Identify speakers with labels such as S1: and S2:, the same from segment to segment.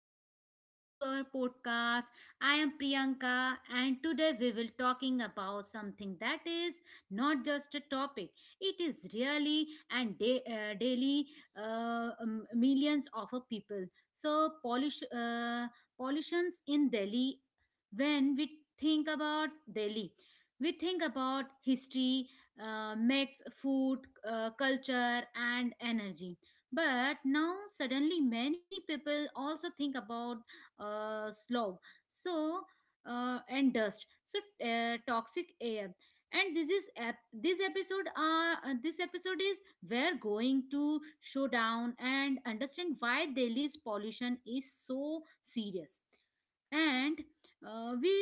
S1: and welcome back to our podcast. I am Priyanka, and today we will talking about something that is not just a topic. It is really and daily millions of a people. So, polish pollutions in Delhi. When we think about Delhi, we think about history, myths, food, culture, and energy but now suddenly many people also think about slog, so and dust, so toxic air. And this is this episode. This episode is we're going to show down and understand why Delhi's pollution is so serious and we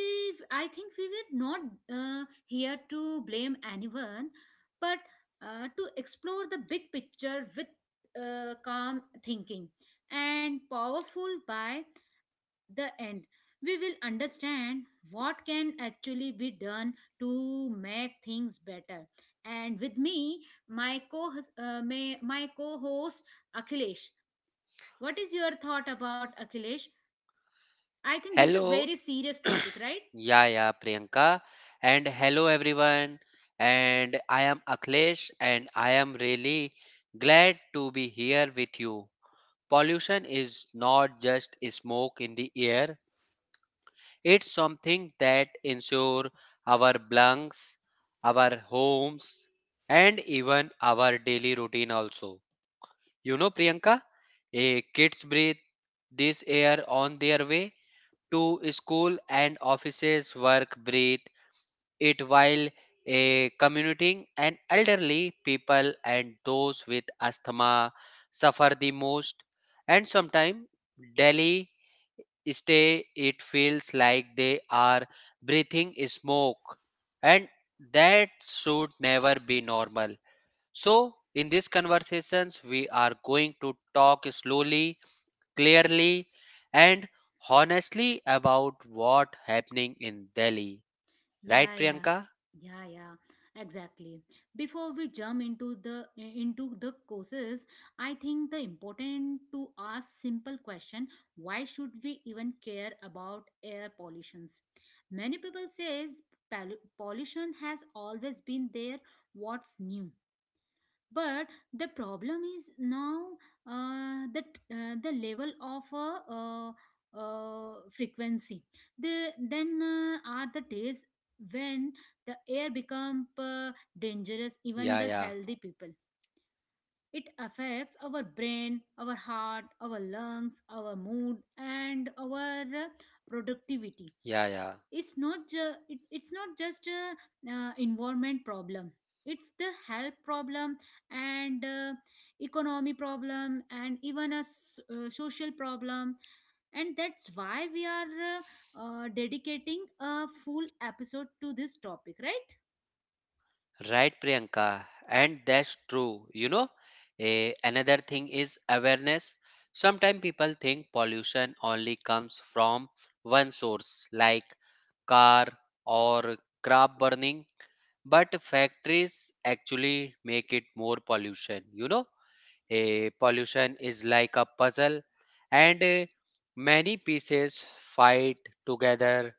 S1: I think we were not here to blame anyone but to explore the big picture with calm thinking and powerful by the end we will understand what can actually be done to make things better and with me my co my co-host akhilesh. What is your thought about akhilesh? I think this is
S2: Hello,
S1: very serious topic, right?
S2: yeah, yeah, Priyanka, and hello everyone. And I am Akhilesh, and I am really glad to be here with you. Pollution is not just smoke in the air, it's something that ensures our lungs, our homes, and even our daily routine also. You know, Priyanka, kids breathe this air on their way to school and offices, work, breathe it while a commuting and elderly people and those with asthma suffer the most. And sometimes Delhi stay it feels like they are breathing smoke, and that should never be normal. So in these conversations we are going to talk slowly, clearly, and honestly about what happening in Delhi,
S1: Yeah,
S2: right
S1: yeah,
S2: Priyanka?
S1: yeah, exactly. Before we jump into the courses, I think the important to ask simple question: Why should we even care about air pollutions? Many people says pollution has always been there. What's new? But the problem is now that the level of frequency the then are the days when the air become dangerous even
S2: Yeah,
S1: the
S2: yeah,
S1: healthy people. It affects our brain, our heart, our lungs, our mood, and our productivity.
S2: yeah, yeah.
S1: It's not just a environment problem, it's the health problem, and economy problem, and even a social problem. And that's why we are dedicating a full episode to this topic, right?
S2: Right, Priyanka. And that's true. You know, another thing is awareness. Sometimes people think pollution only comes from one source, like car or crop burning, but factories actually make it more pollution. You know, a pollution is like a puzzle, and many pieces fight together,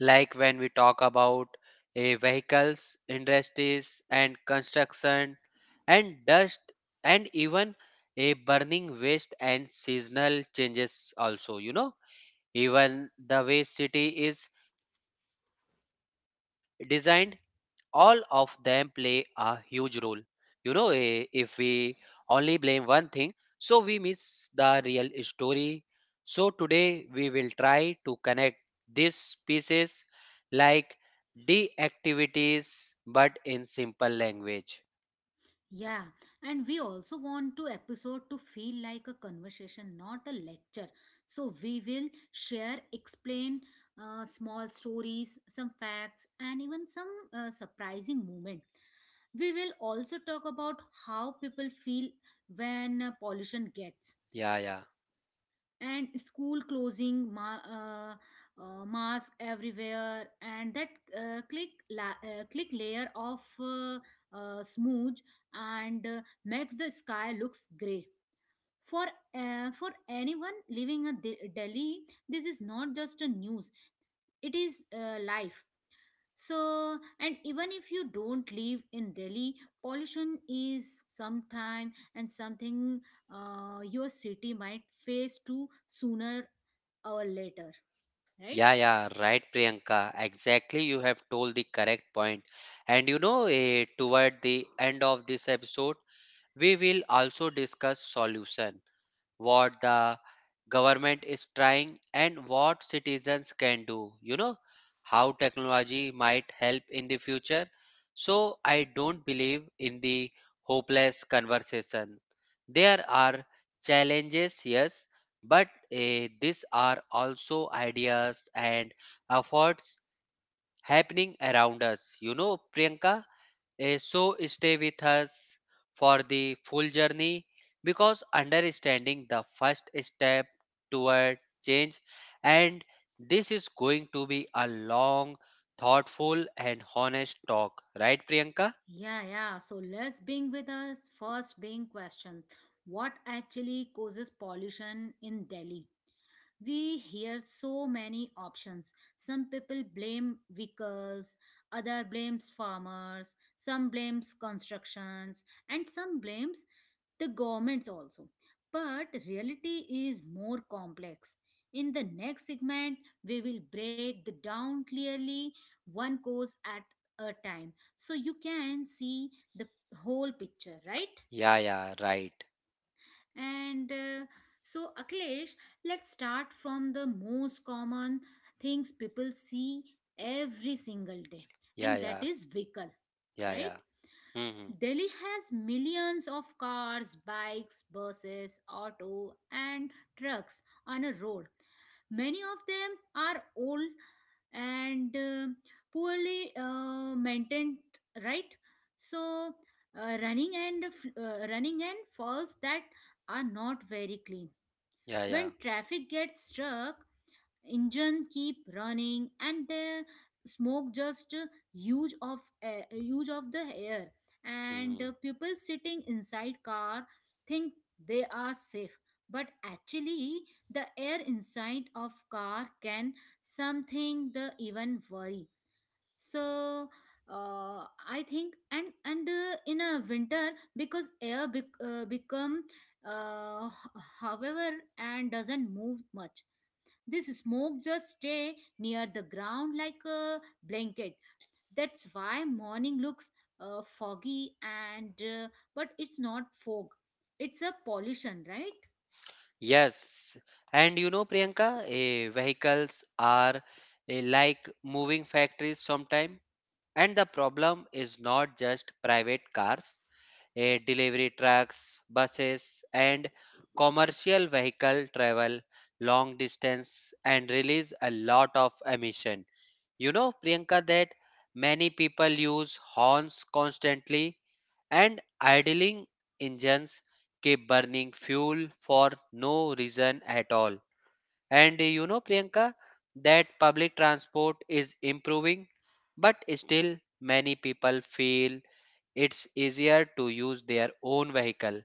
S2: like when we talk about a vehicles industries and construction and dust and even a burning waste and seasonal changes also. You know, even the way city is designed, all of them play a huge role. You know, if we only blame one thing, so we miss the real story. So today we will try to connect these pieces like de activities but in simple language.
S1: Yeah, and we also want to episode to feel like a conversation, not a lecture. So we will share, explain small stories, some facts, and even some surprising moment. We will also talk about how people feel when pollution gets
S2: Yeah, yeah.
S1: and school closing mask everywhere and that click layer of smudge and makes the sky looks gray for for anyone living in delhi. This is not just a news, it is life. So and even if you don't live in delhi, pollution is sometime and something your city might face too sooner or later, right?
S2: Yeah, yeah, right, Priyanka. Exactly, you have told the correct point. And you know, toward the end of this episode, we will also discuss solution what the government is trying and what citizens can do. You know, how technology might help in the future. So I don't believe in the hopeless conversation. There are challenges, yes, but these are also ideas and efforts happening around us, you know, Priyanka. So stay with us for the full journey because understanding the first step toward change. And this is going to be a long, thoughtful and honest talk, right Priyanka?
S1: Yeah, yeah. So let's begin with us first being question. What actually causes pollution in Delhi? We hear so many options. Some people blame vehicles, other blames farmers, some blames constructions, and some blames the governments also, but reality is more complex. In the next segment we will break the down clearly, one cause at a time, so you can see the whole picture, right?
S2: Yeah, yeah, right.
S1: And so, Akhilesh, let's start from the most common things people see every single day,
S2: Yeah,
S1: and that
S2: yeah,
S1: is vehicle,
S2: yeah,
S1: right?
S2: yeah. Hmm.
S1: Delhi has millions of cars, bikes, buses, auto, and trucks on a road. Many of them are old and poorly maintained, right? So, running and falls that are not very clean.
S2: Yeah, yeah.
S1: When traffic gets stuck, engine keep running and the smoke just huge of the air, and
S2: Hmm.
S1: people sitting inside car think they are safe but actually the air inside of car can something the even worry. So I think and in a winter because air become however and doesn't move much, this smoke just stay near the ground like a blanket. That's why morning looks foggy and but it's not fog. It's a pollution, right?
S2: Yes. And you know Priyanka, vehicles are like moving factories sometime. And the problem is not just private cars, delivery trucks, buses, and commercial vehicle travel long distance and release a lot of emission. You know, Priyanka, that many people use horns constantly and idling engines keep burning fuel for no reason at all. And you know, Priyanka, that public transport is improving, but still many people feel it's easier to use their own vehicle.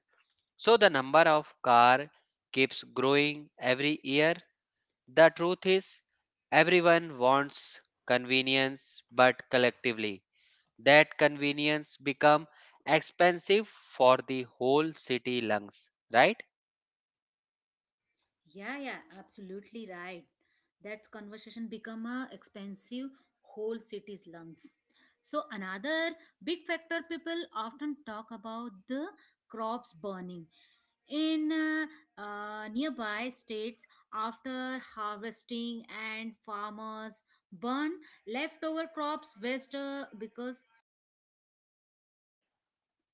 S2: So the number of car keeps growing every year. The truth is, everyone wants convenience, but collectively, that convenience become expensive for the whole city lungs, right?
S1: Yeah, yeah, absolutely right. That conversation become a expensive whole city's lungs. So another big factor people often talk about the crops burning in nearby states after harvesting and farmers burn leftover crops waste because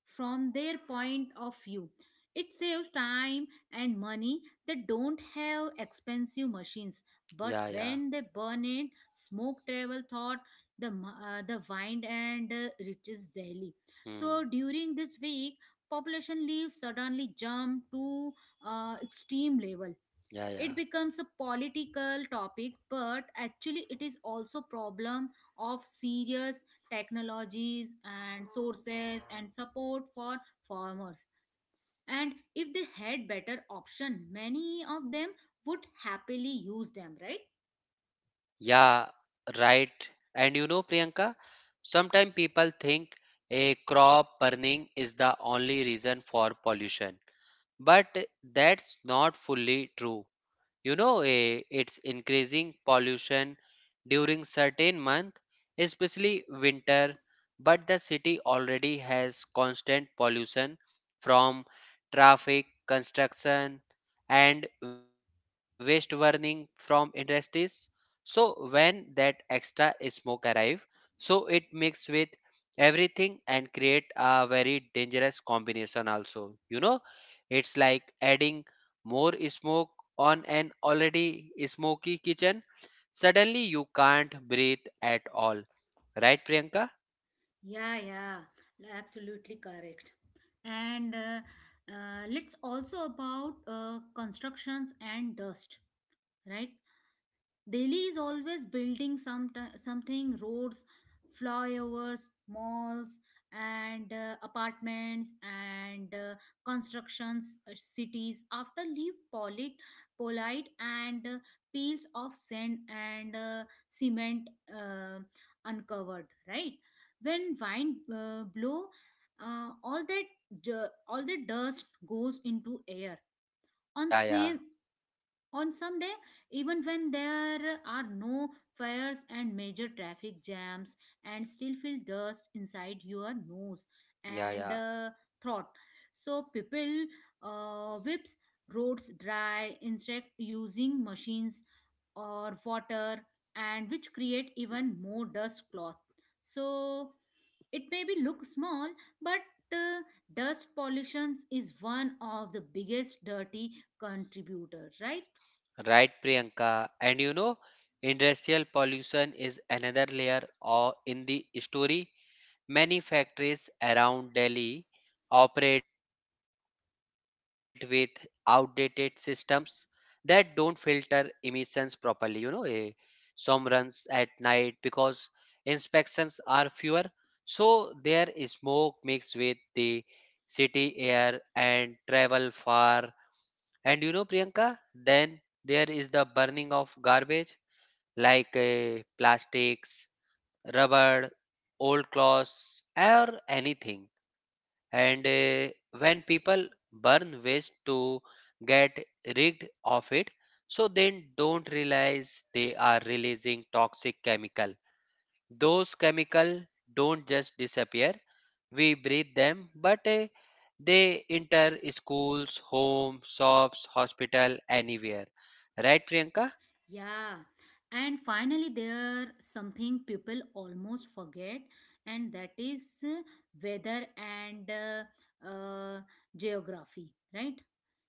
S1: from their point of view. It saves time and money. They don't have expensive machines, but
S2: Yeah, yeah.
S1: when they burn it, smoke travel thought the wind and reaches Delhi. So
S2: Hmm.
S1: during this week, population leaves suddenly jump to extreme level.
S2: Yeah,
S1: It
S2: yeah.
S1: becomes a political topic but actually it is also problem of serious technologies and sources and support for farmers, and if they had better option many of them would happily use them, right?
S2: Yeah, right. And you know, Priyanka, sometimes people think a crop burning is the only reason for pollution, but that's not fully true. You know, it's increasing pollution during certain month, especially winter, but the city already has constant pollution from traffic construction and waste burning from industries. So when that extra smoke arrive, so it mix with everything and create a very dangerous combination also. You know, it's like adding more smoke on an already smoky kitchen. Suddenly, you can't breathe at all. Right, Priyanka?
S1: Yeah, absolutely correct. And let's also about constructions and dust, right? Delhi is always building some something roads, flyovers, malls, and apartments and constructions, cities. After leave polite, polite and peels of sand and cement uh, uncovered. Right, when wind blow, all that all the dust goes into air. On
S2: Yeah, yeah,
S1: same on some day, even when there are no fires and major traffic jams, and still feel dust inside your nose
S2: yeah,
S1: and
S2: yeah.
S1: throat. So people whips roads dry, instead using machines or water, and which create even more dust cloth. So it maybe look small, but uh, dust pollution is one of the biggest dirty contributors, right?
S2: Right, Priyanka. And you know, industrial pollution is another layer or in the story. Many factories around Delhi operate with outdated systems that don't filter emissions properly. You know, some runs at night because inspections are fewer, so their smoke mixed with the city air and travel far. And you know, Priyanka, then there is the burning of garbage like plastics, rubber, old clothes, or anything. And when people burn waste to get rid of it, so then don't realize they are releasing toxic chemical. Those chemical don't just disappear. We breathe them, but they enter schools, homes, shops, hospital, anywhere. Right, Priyanka?
S1: Yeah, and finally, there something people almost forget, and that is weather and geography, right?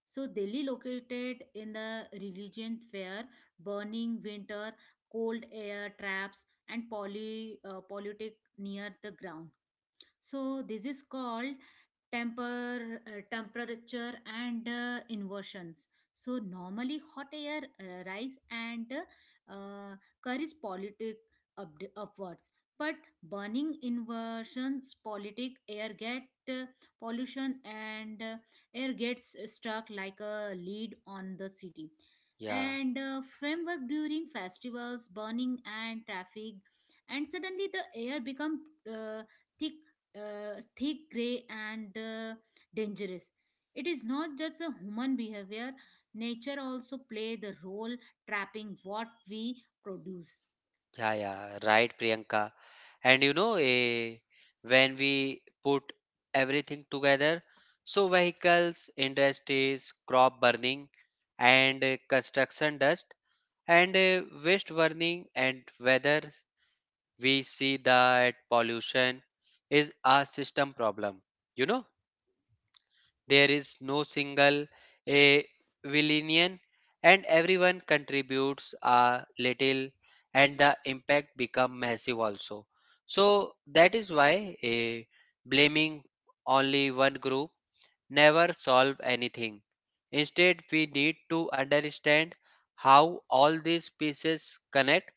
S1: So, Delhi, located in the religion fair, burning winter, cold air traps, and poly politic near the ground. So this is called temperature and inversions. So normally hot air rise and uh, carries politic up, upwards, but burning inversions politic air get uh, pollution and air gets stuck like a lead on the city
S2: Yeah.
S1: and framework during festivals burning and traffic, and suddenly the air become uh, thick thick, gray, and dangerous. It is not just a human behavior, nature also play the role trapping what we produce.
S2: Yeah, yeah, right, Priyanka. And you know, when we put everything together, so vehicles, industries, crop burning, and construction dust, and waste burning, and whether we see that pollution is a system problem, you know? There is no single a villain, and everyone contributes a little, and the impact become massive also. So that is why a blaming only one group never solve anything. Instead we need to understand how all these pieces connect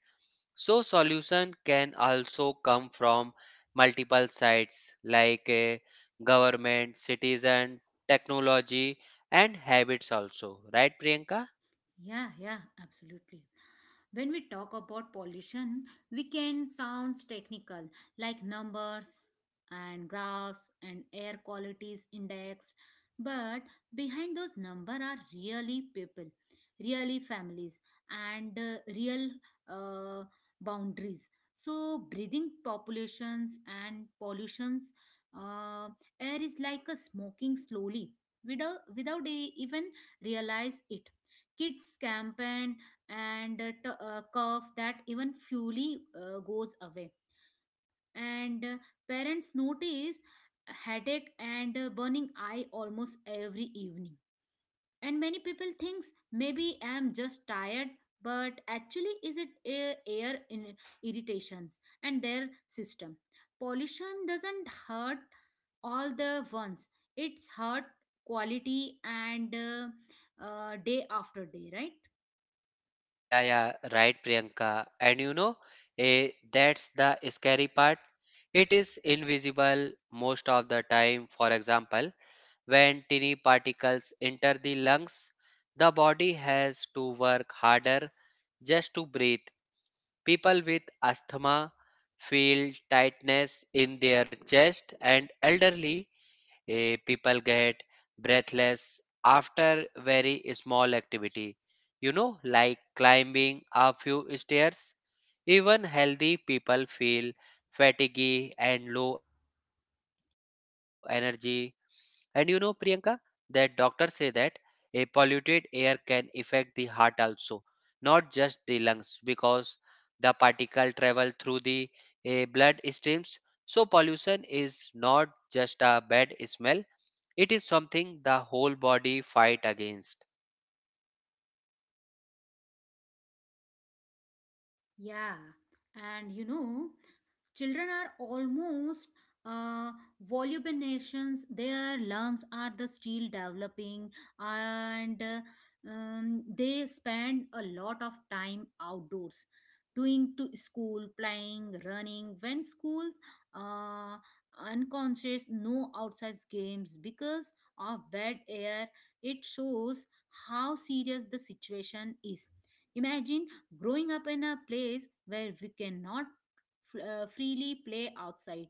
S2: so solution can also come from multiple sides, like government, citizen, technology and habits also. Right Priyanka?
S1: Yeah, yeah, absolutely. When we talk about pollution, we can sounds technical like numbers and graphs and air qualities indexed, but behind those number are really people, really families and real uh, boundaries. So breathing populations and pollutions uh, air is like a smoking slowly without a, even realize it. Kids campaign and cough that even fully goes away. And parents notice headache and burning eye almost every evening. And many people thinks maybe I'm just tired, but actually is it air in irritations and their system. Pollution doesn't hurt all the ones. It's hurt quality and day after day, right?
S2: Yeah, yeah, right Priyanka. And you know, that's the scary part. It is invisible most of the time. For example, when tiny particles enter the lungs, the body has to work harder just to breathe. People with asthma feel tightness in their chest, and elderly people get breathless after very small activity, you know, like climbing a few stairs. Even healthy people feel fatigue and low energy. And you know, Priyanka, that doctors say that a polluted air can affect the heart also, not just the lungs, because the particle travel through the blood streams. So pollution is not just a bad smell; it is something the whole body fight against.
S1: Yeah, and you know, children are almost uh, volubinations. Their lungs are the still developing, and they spend a lot of time outdoors, doing to school, playing, running. When schools uh, unconscious, no outside games because of bad air. It shows how serious the situation is. Imagine growing up in a place where we cannot freely play outside.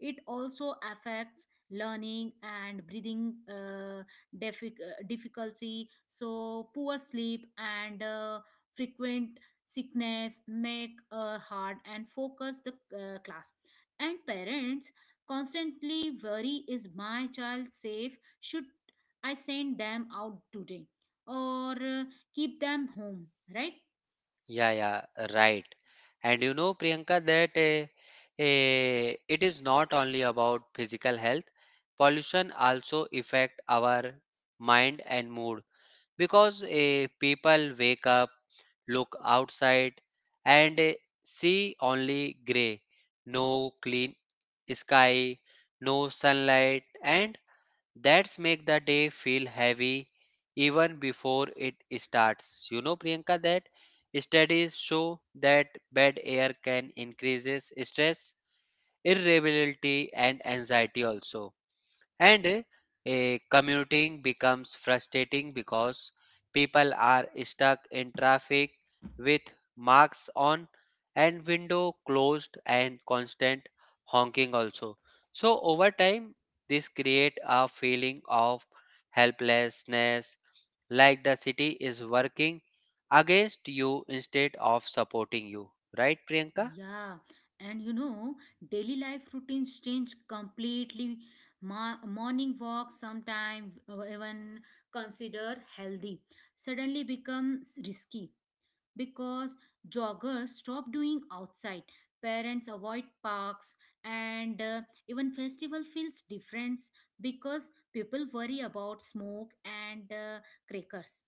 S1: It also affects learning and breathing difficulty. So poor sleep and frequent sickness make hard and focus the class. And parents constantly worry, is my child safe? Should I send them out today or keep them home? Right?
S2: Yeah, yeah, right. And you know, Priyanka, that it is not only about physical health. Pollution also affect our mind and mood because people wake up, look outside, and see only gray, no clean sky, no sunlight, and that's make the day feel heavy even before it starts. You know, Priyanka, that studies show that bad air can increases stress, irritability, and anxiety also. And commuting becomes frustrating because people are stuck in traffic with marks on and window closed and constant honking also. So over time this create a feeling of helplessness, like the city is working against you instead of supporting you. Right Priyanka?
S1: Yeah, and you know, daily life routines change completely. Morning walk, sometime even consider healthy, suddenly becomes risky because joggers stop doing outside, parents avoid parks, and even festival feels different because people worry about smoke and crackers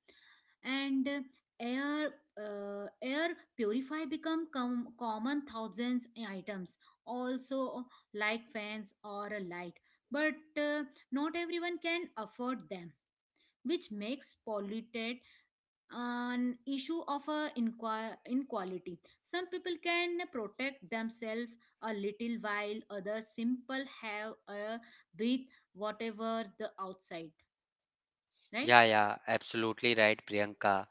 S1: and air air purify become common thousands in items also like fans or a light, but not everyone can afford them, which makes polluted an issue of a inequality. Some people can protect themselves a little while others simple have a breathe whatever the outside, right?
S2: Yeah, yeah, absolutely right, Priyanka.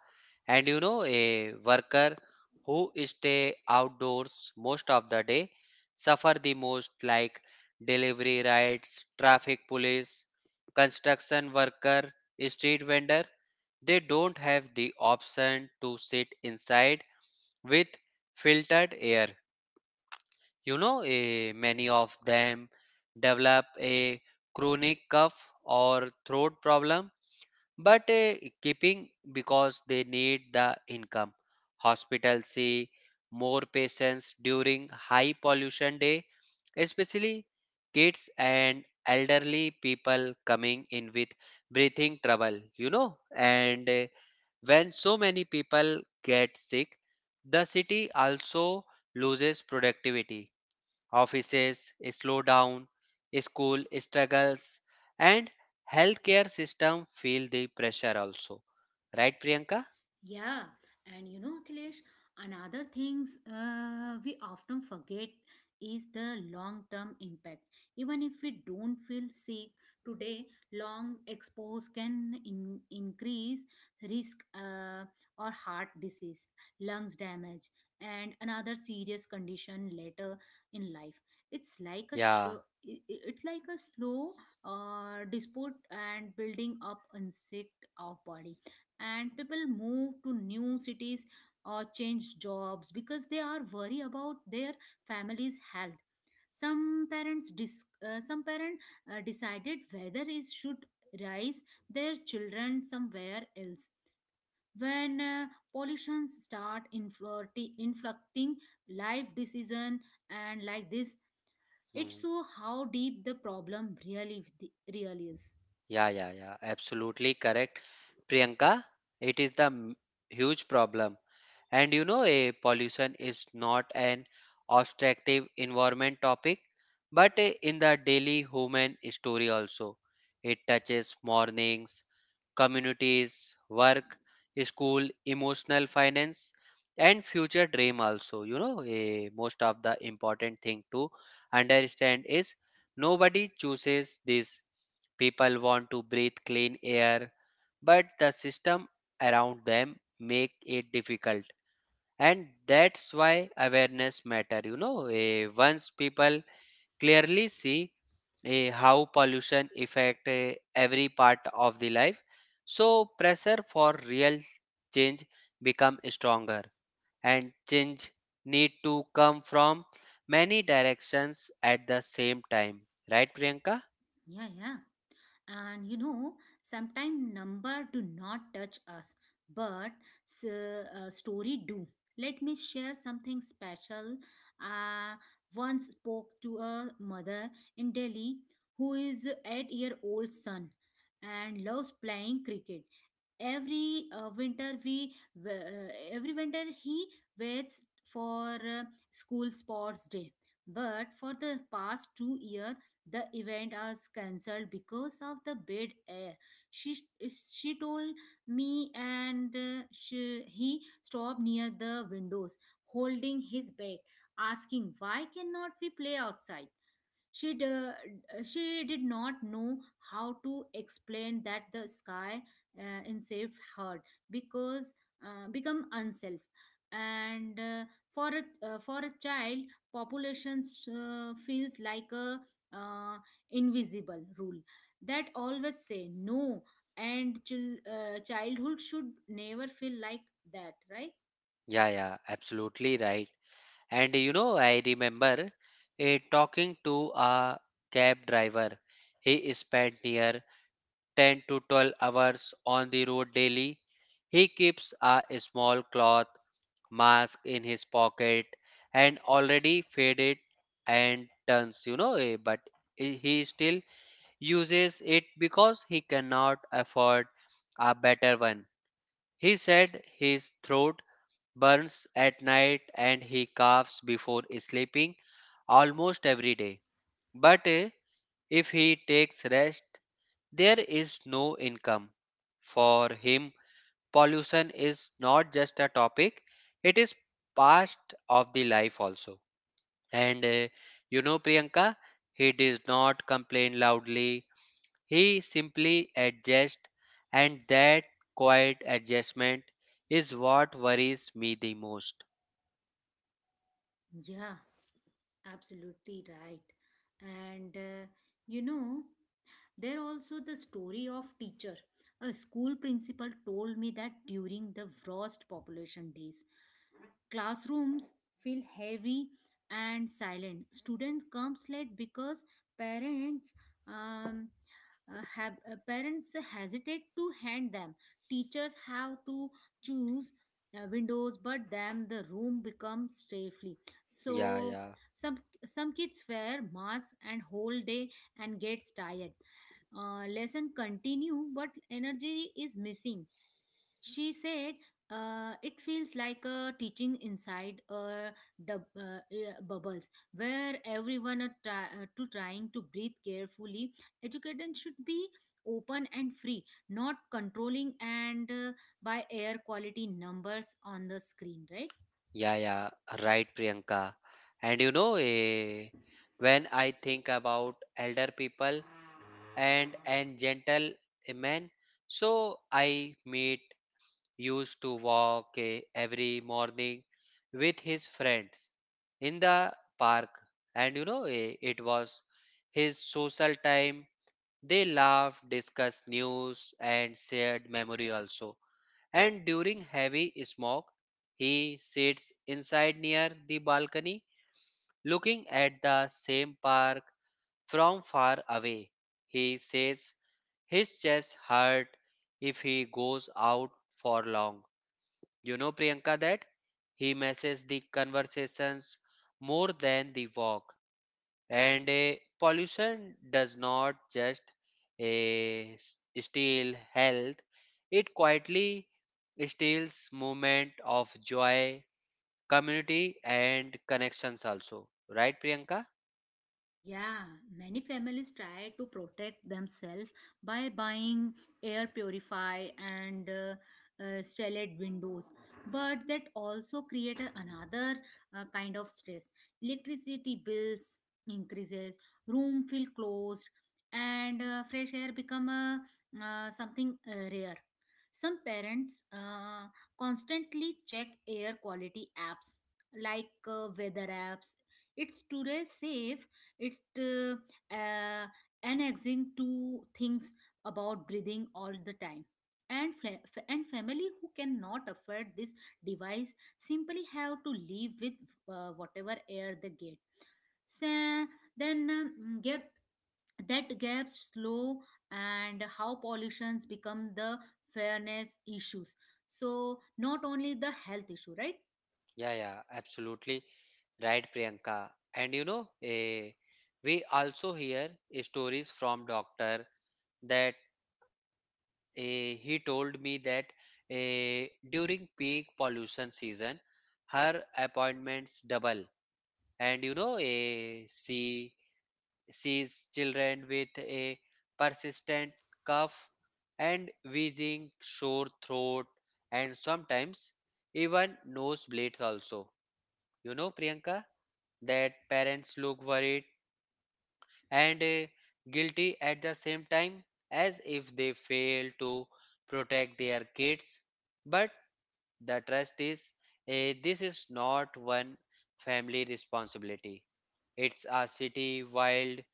S2: And you know, a worker who stay outdoors most of the day suffer the most, like delivery rides, traffic police, construction worker, street vendor. They don't have the option to sit inside with filtered air. You know, many of them develop a chronic cough or throat problem but keeping because they need the income. Hospitals see more patients during high pollution day, especially kids and elderly people coming in with breathing trouble, you know. And when so many people get sick, the city also loses productivity, offices slow down, school struggles, and healthcare system feel the pressure also. Right, Priyanka?
S1: Yeah, and you know, Akhilesh, another things we often forget is the long-term impact. Even if we don't feel sick today, long expose can increase risk or heart disease, lungs damage, and another serious condition later in life. It's like a
S2: Yeah.
S1: sho- it's like a slow dispute and building up insect of body. And people move to new cities or change jobs because they are worried about their family's health. Some parent decided whether is should raise their children somewhere else when pollution start inflicting life decision. And like this, it
S2: Hmm.
S1: show how deep the problem really is.
S2: Yeah, yeah, yeah. Absolutely correct, Priyanka. It is the huge problem. And you know, a pollution is not an obstructive environment topic, but a- in the daily human story also. It touches mornings, communities, work, school, emotional finance, and future dream also. You know, most of the important thing to understand is nobody chooses this. People want to breathe clean air, but the system around them make it difficult. And that's why awareness matter. You know, once people clearly see how pollution affect every part of the life, so pressure for real change become stronger. And change need to come from many directions at the same time. Right, Priyanka?
S1: Yeah, and you know, sometimes number do not touch us, but story do. Let me share something special. I once spoke to a mother in delhi who is 8-year-old son and loves playing cricket. every uh, winter we uh, every winter he waits for school sports day, but for the past 2 year the event was cancelled because of the bad air. she she told me, he stopped near the windows holding his bed, asking why cannot we play outside. she d- uh, she did not know how to explain that the sky enslaved her because become unself. And for a child, populations feels like a uh, invisible rule that always say no. And childhood should never feel like that, right?
S2: Yeah, yeah, absolutely right. And you know, I remember talking to a cab driver. He spent near 10 to 12 hours on the road daily. He keeps a small cloth mask in his pocket and already faded and turns, you know, but he still uses it because he cannot afford a better one. He said his throat burns at night and he coughs before sleeping almost every day. But if he takes rest, there is no income. For him, pollution is not just a topic, it is part of the life also. And you know, Priyanka, he does not complain loudly, he simply adjusts, and that quiet adjustment is what worries me the most.
S1: Yeah. Absolutely right. And you know, there also the story of teacher. A school principal told me that during the worst population days, classrooms feel heavy and silent. Student comes late because parents um, parents hesitate to hand them. Teachers have to choose windows, but then the room becomes safely.
S2: Yeah,
S1: So
S2: yeah.
S1: some some kids wear masks and whole day and gets tired. Lesson continue, but energy is missing. She said, "It feels like a teaching inside a bubbles where everyone are try- to trying to breathe carefully. Education should be open and free, not controlling and by air quality numbers on the screen, right?"
S2: Yeah, yeah, right, Priyanka. And you know, when I think about elder people and gentle men, so I meet used to walk every morning with his friends in the park, and you know, it was his social time. They laughed, discussed news, and shared memory also. And during heavy smog, he sits inside near the balcony looking at the same park from far away. He says his chest hurt if he goes out for long. You know, Priyanka, that he misses the conversations more than the walk. And pollution does not just steal health, it quietly steals moment of joy, community and connections also, right Priyanka?
S1: Yeah, many families try to protect themselves by buying air purify and stellated windows, but that also create another kind of stress. Electricity bills increases, room feel closed, and fresh air become a, something rare. Some parents constantly check air quality apps like weather apps. It's today safe, it's uh, annexing to things about breathing all the time. And family who cannot afford this device simply have to live with whatever air they get. So, then get that gap slow and how pollutions become the fairness issues, so not only the health issue, right?
S2: Yeah, yeah, absolutely. Right, Priyanka. And you know, we also hear stories from doctor that he told me that eh, during peak pollution season, her appointments double. And you know a she sees children with a persistent cough and wheezing sore throat and sometimes even nosebleeds also. You know Priyanka, that parents look worried and guilty at the same time, as if they fail to protect their kids, but the trust is this is not one family responsibility, it's a city wide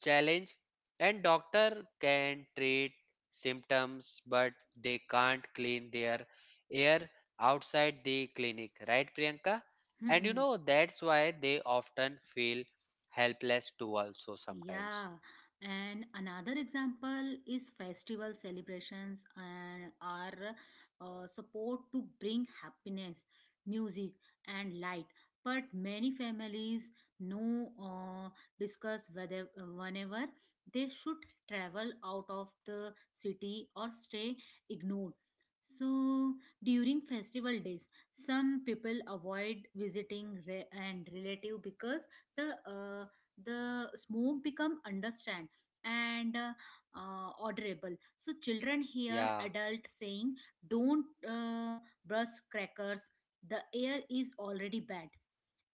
S2: challenge. And doctor can treat symptoms but they can't clean their air outside the clinic, right Priyanka? And you know that's why they often feel helpless too also sometimes.
S1: Yeah, and another example is festival celebrations and are support to bring happiness, music, and light. But many families no discuss whether whenever they should travel out of the city or stay ignored. So during festival days, some people avoid visiting and relative because the uh, the smoke become understand and audible. So children hear
S2: Yeah,
S1: adult saying don't brush crackers, the air is already bad.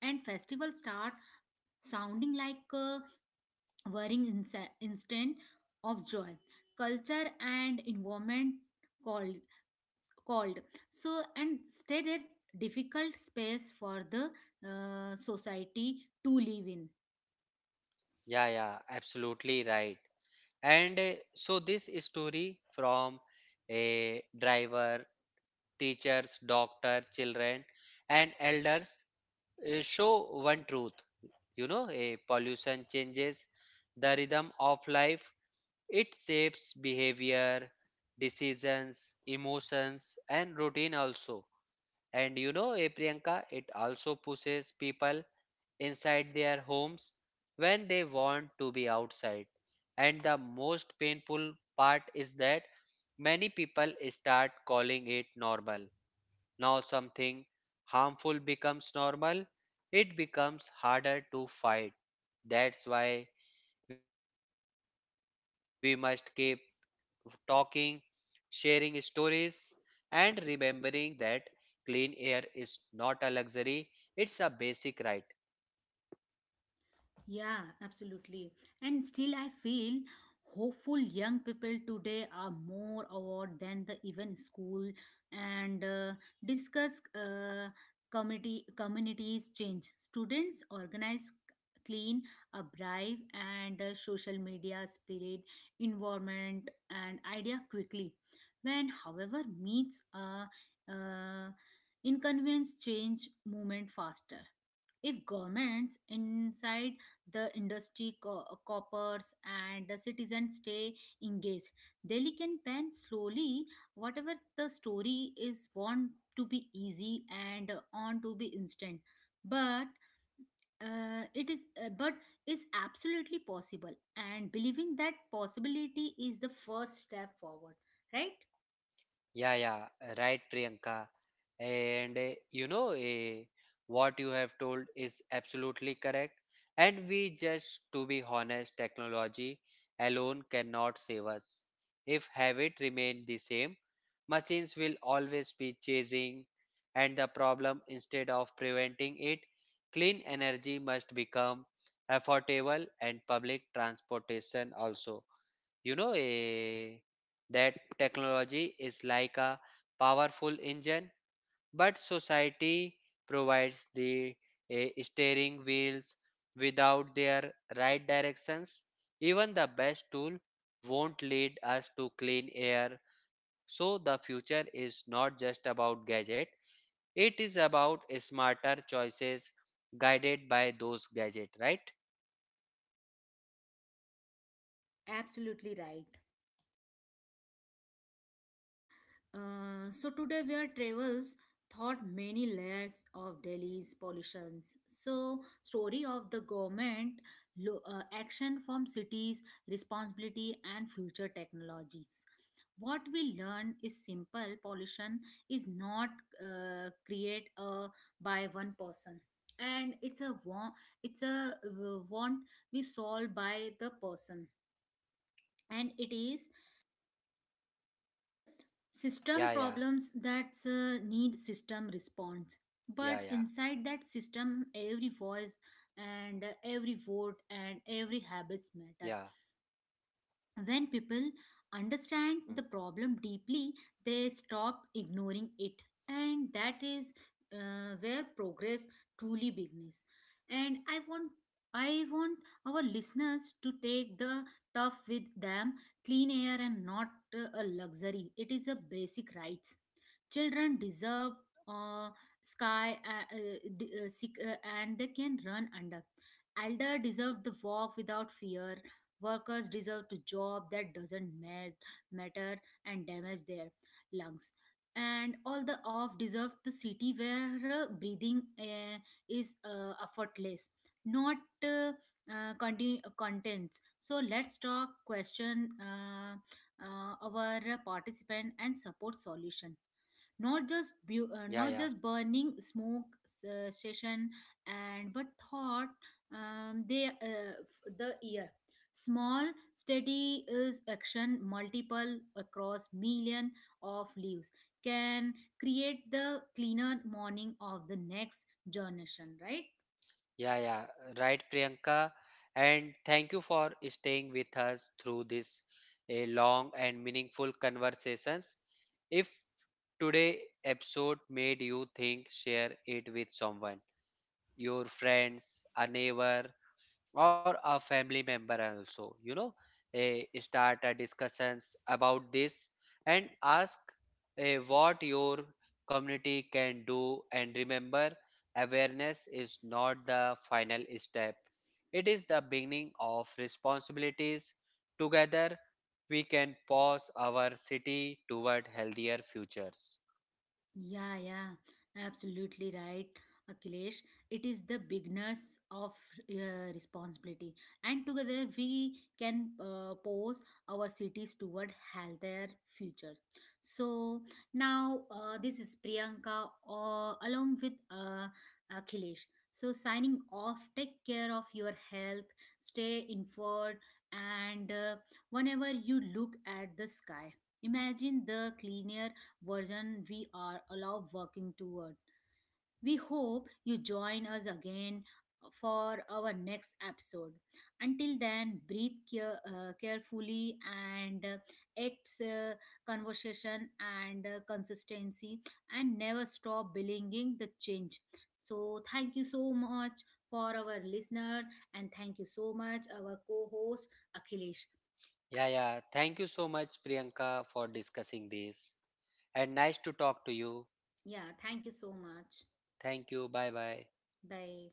S1: And festival start sounding like a worrying instant of joy. Culture and environment called called, so and state a difficult space for the society to live in.
S2: yeah, yeah, absolutely right. And so this story from a driver, teachers, doctor, children and elders show one truth. You know, a pollution changes the rhythm of life, it shapes behavior, decisions, emotions and routine also. And you know a Priyanka, it also pushes people inside their homes when they want to be outside, and the most painful part is that many people start calling it normal. Now something harmful becomes normal, it becomes harder to fight. That's why we must keep talking, sharing stories, and remembering that clean air is not a luxury, it's a basic right.
S1: Yeah, absolutely. And still, I feel hopeful, young people today are more aware than the even school and discuss community communities change. Students organize clean up drive and social media spirit environment and idea quickly when however meets a inconvenience change movement faster if governments inside the industry coppers and the citizens stay engaged. Delhi can pen slowly whatever the story is, want to be easy and on to be instant, but it is but is absolutely possible, and believing that possibility is the first step forward, right?
S2: Yeah, yeah, right, Priyanka. And you know, what you have told is absolutely correct. And we just, to be honest, technology alone cannot save us. If habit remain the same, machines will always be chasing and the problem instead of preventing it, clean energy must become affordable and public transportation also. You know, that technology is like a powerful engine, but society provides the steering wheels without their right directions. Even the best tool won't lead us to clean air. So the future is not just about gadget, it is about smarter choices guided by those gadget, right?
S1: Absolutely right. So today we travels thought many layers of Delhi's pollutions. So story of the government, action from cities, responsibility and future technologies. What we learn is simple: pollution is not create by one person, and it's a want. It's a want we solve by the person, and it is system
S2: Yeah, yeah,
S1: problems that need system response. But
S2: yeah, yeah,
S1: inside that system, every voice and every vote
S2: yeah.
S1: and every habits matter. When people
S2: Mm.
S1: understand the problem deeply, they stop ignoring it, and that is where progress truly begins. And I want our listeners to take the tough with them. Clean air and not a luxury; it is a basic rights. Children deserve uh, sky and they can run under. Elder deserve the walk without fear. Workers deserve to job that doesn't matter and damage their lungs. And all the off deserve the city where breathing is effortless, not uh, contents. So let's talk question our participant and support solution,
S2: Yeah, yeah.
S1: not just not just burning smoke session and but thought they the ear. Small, steady is action multiple across million of leaves can create the cleaner morning of the next generation, right?
S2: Yeah, yeah, right, Priyanka. And thank you for staying with us through this a long and meaningful conversations. If today episode made you think, share it with someone, your friends, a neighbor, or a family member also. You know, start a discussions about this and ask what your community can do. And remember awareness is not the final step, it is the beginning of responsibilities. Together we can pause our city toward healthier futures.
S1: Yeah, yeah, absolutely right, Akhilesh. It is the beginners of responsibility, and together we can pose our cities toward healthier futures. So now, this is Priyanka along with Akhilesh. So signing off. Take care of your health. Stay informed, and whenever you look at the sky, imagine the cleaner version we are allowed working toward. We hope you join us again for our next episode. Until then, breathe care, carefully and acts conversation and consistency, and never stop believing the change. So, thank you so much for our listener and thank you so much our co-host Akhilesh.
S2: Yeah, yeah, thank you so much Priyanka for discussing this and nice to talk to you.
S1: Yeah, thank you so much.
S2: Thank you, bye bye.
S1: Bye.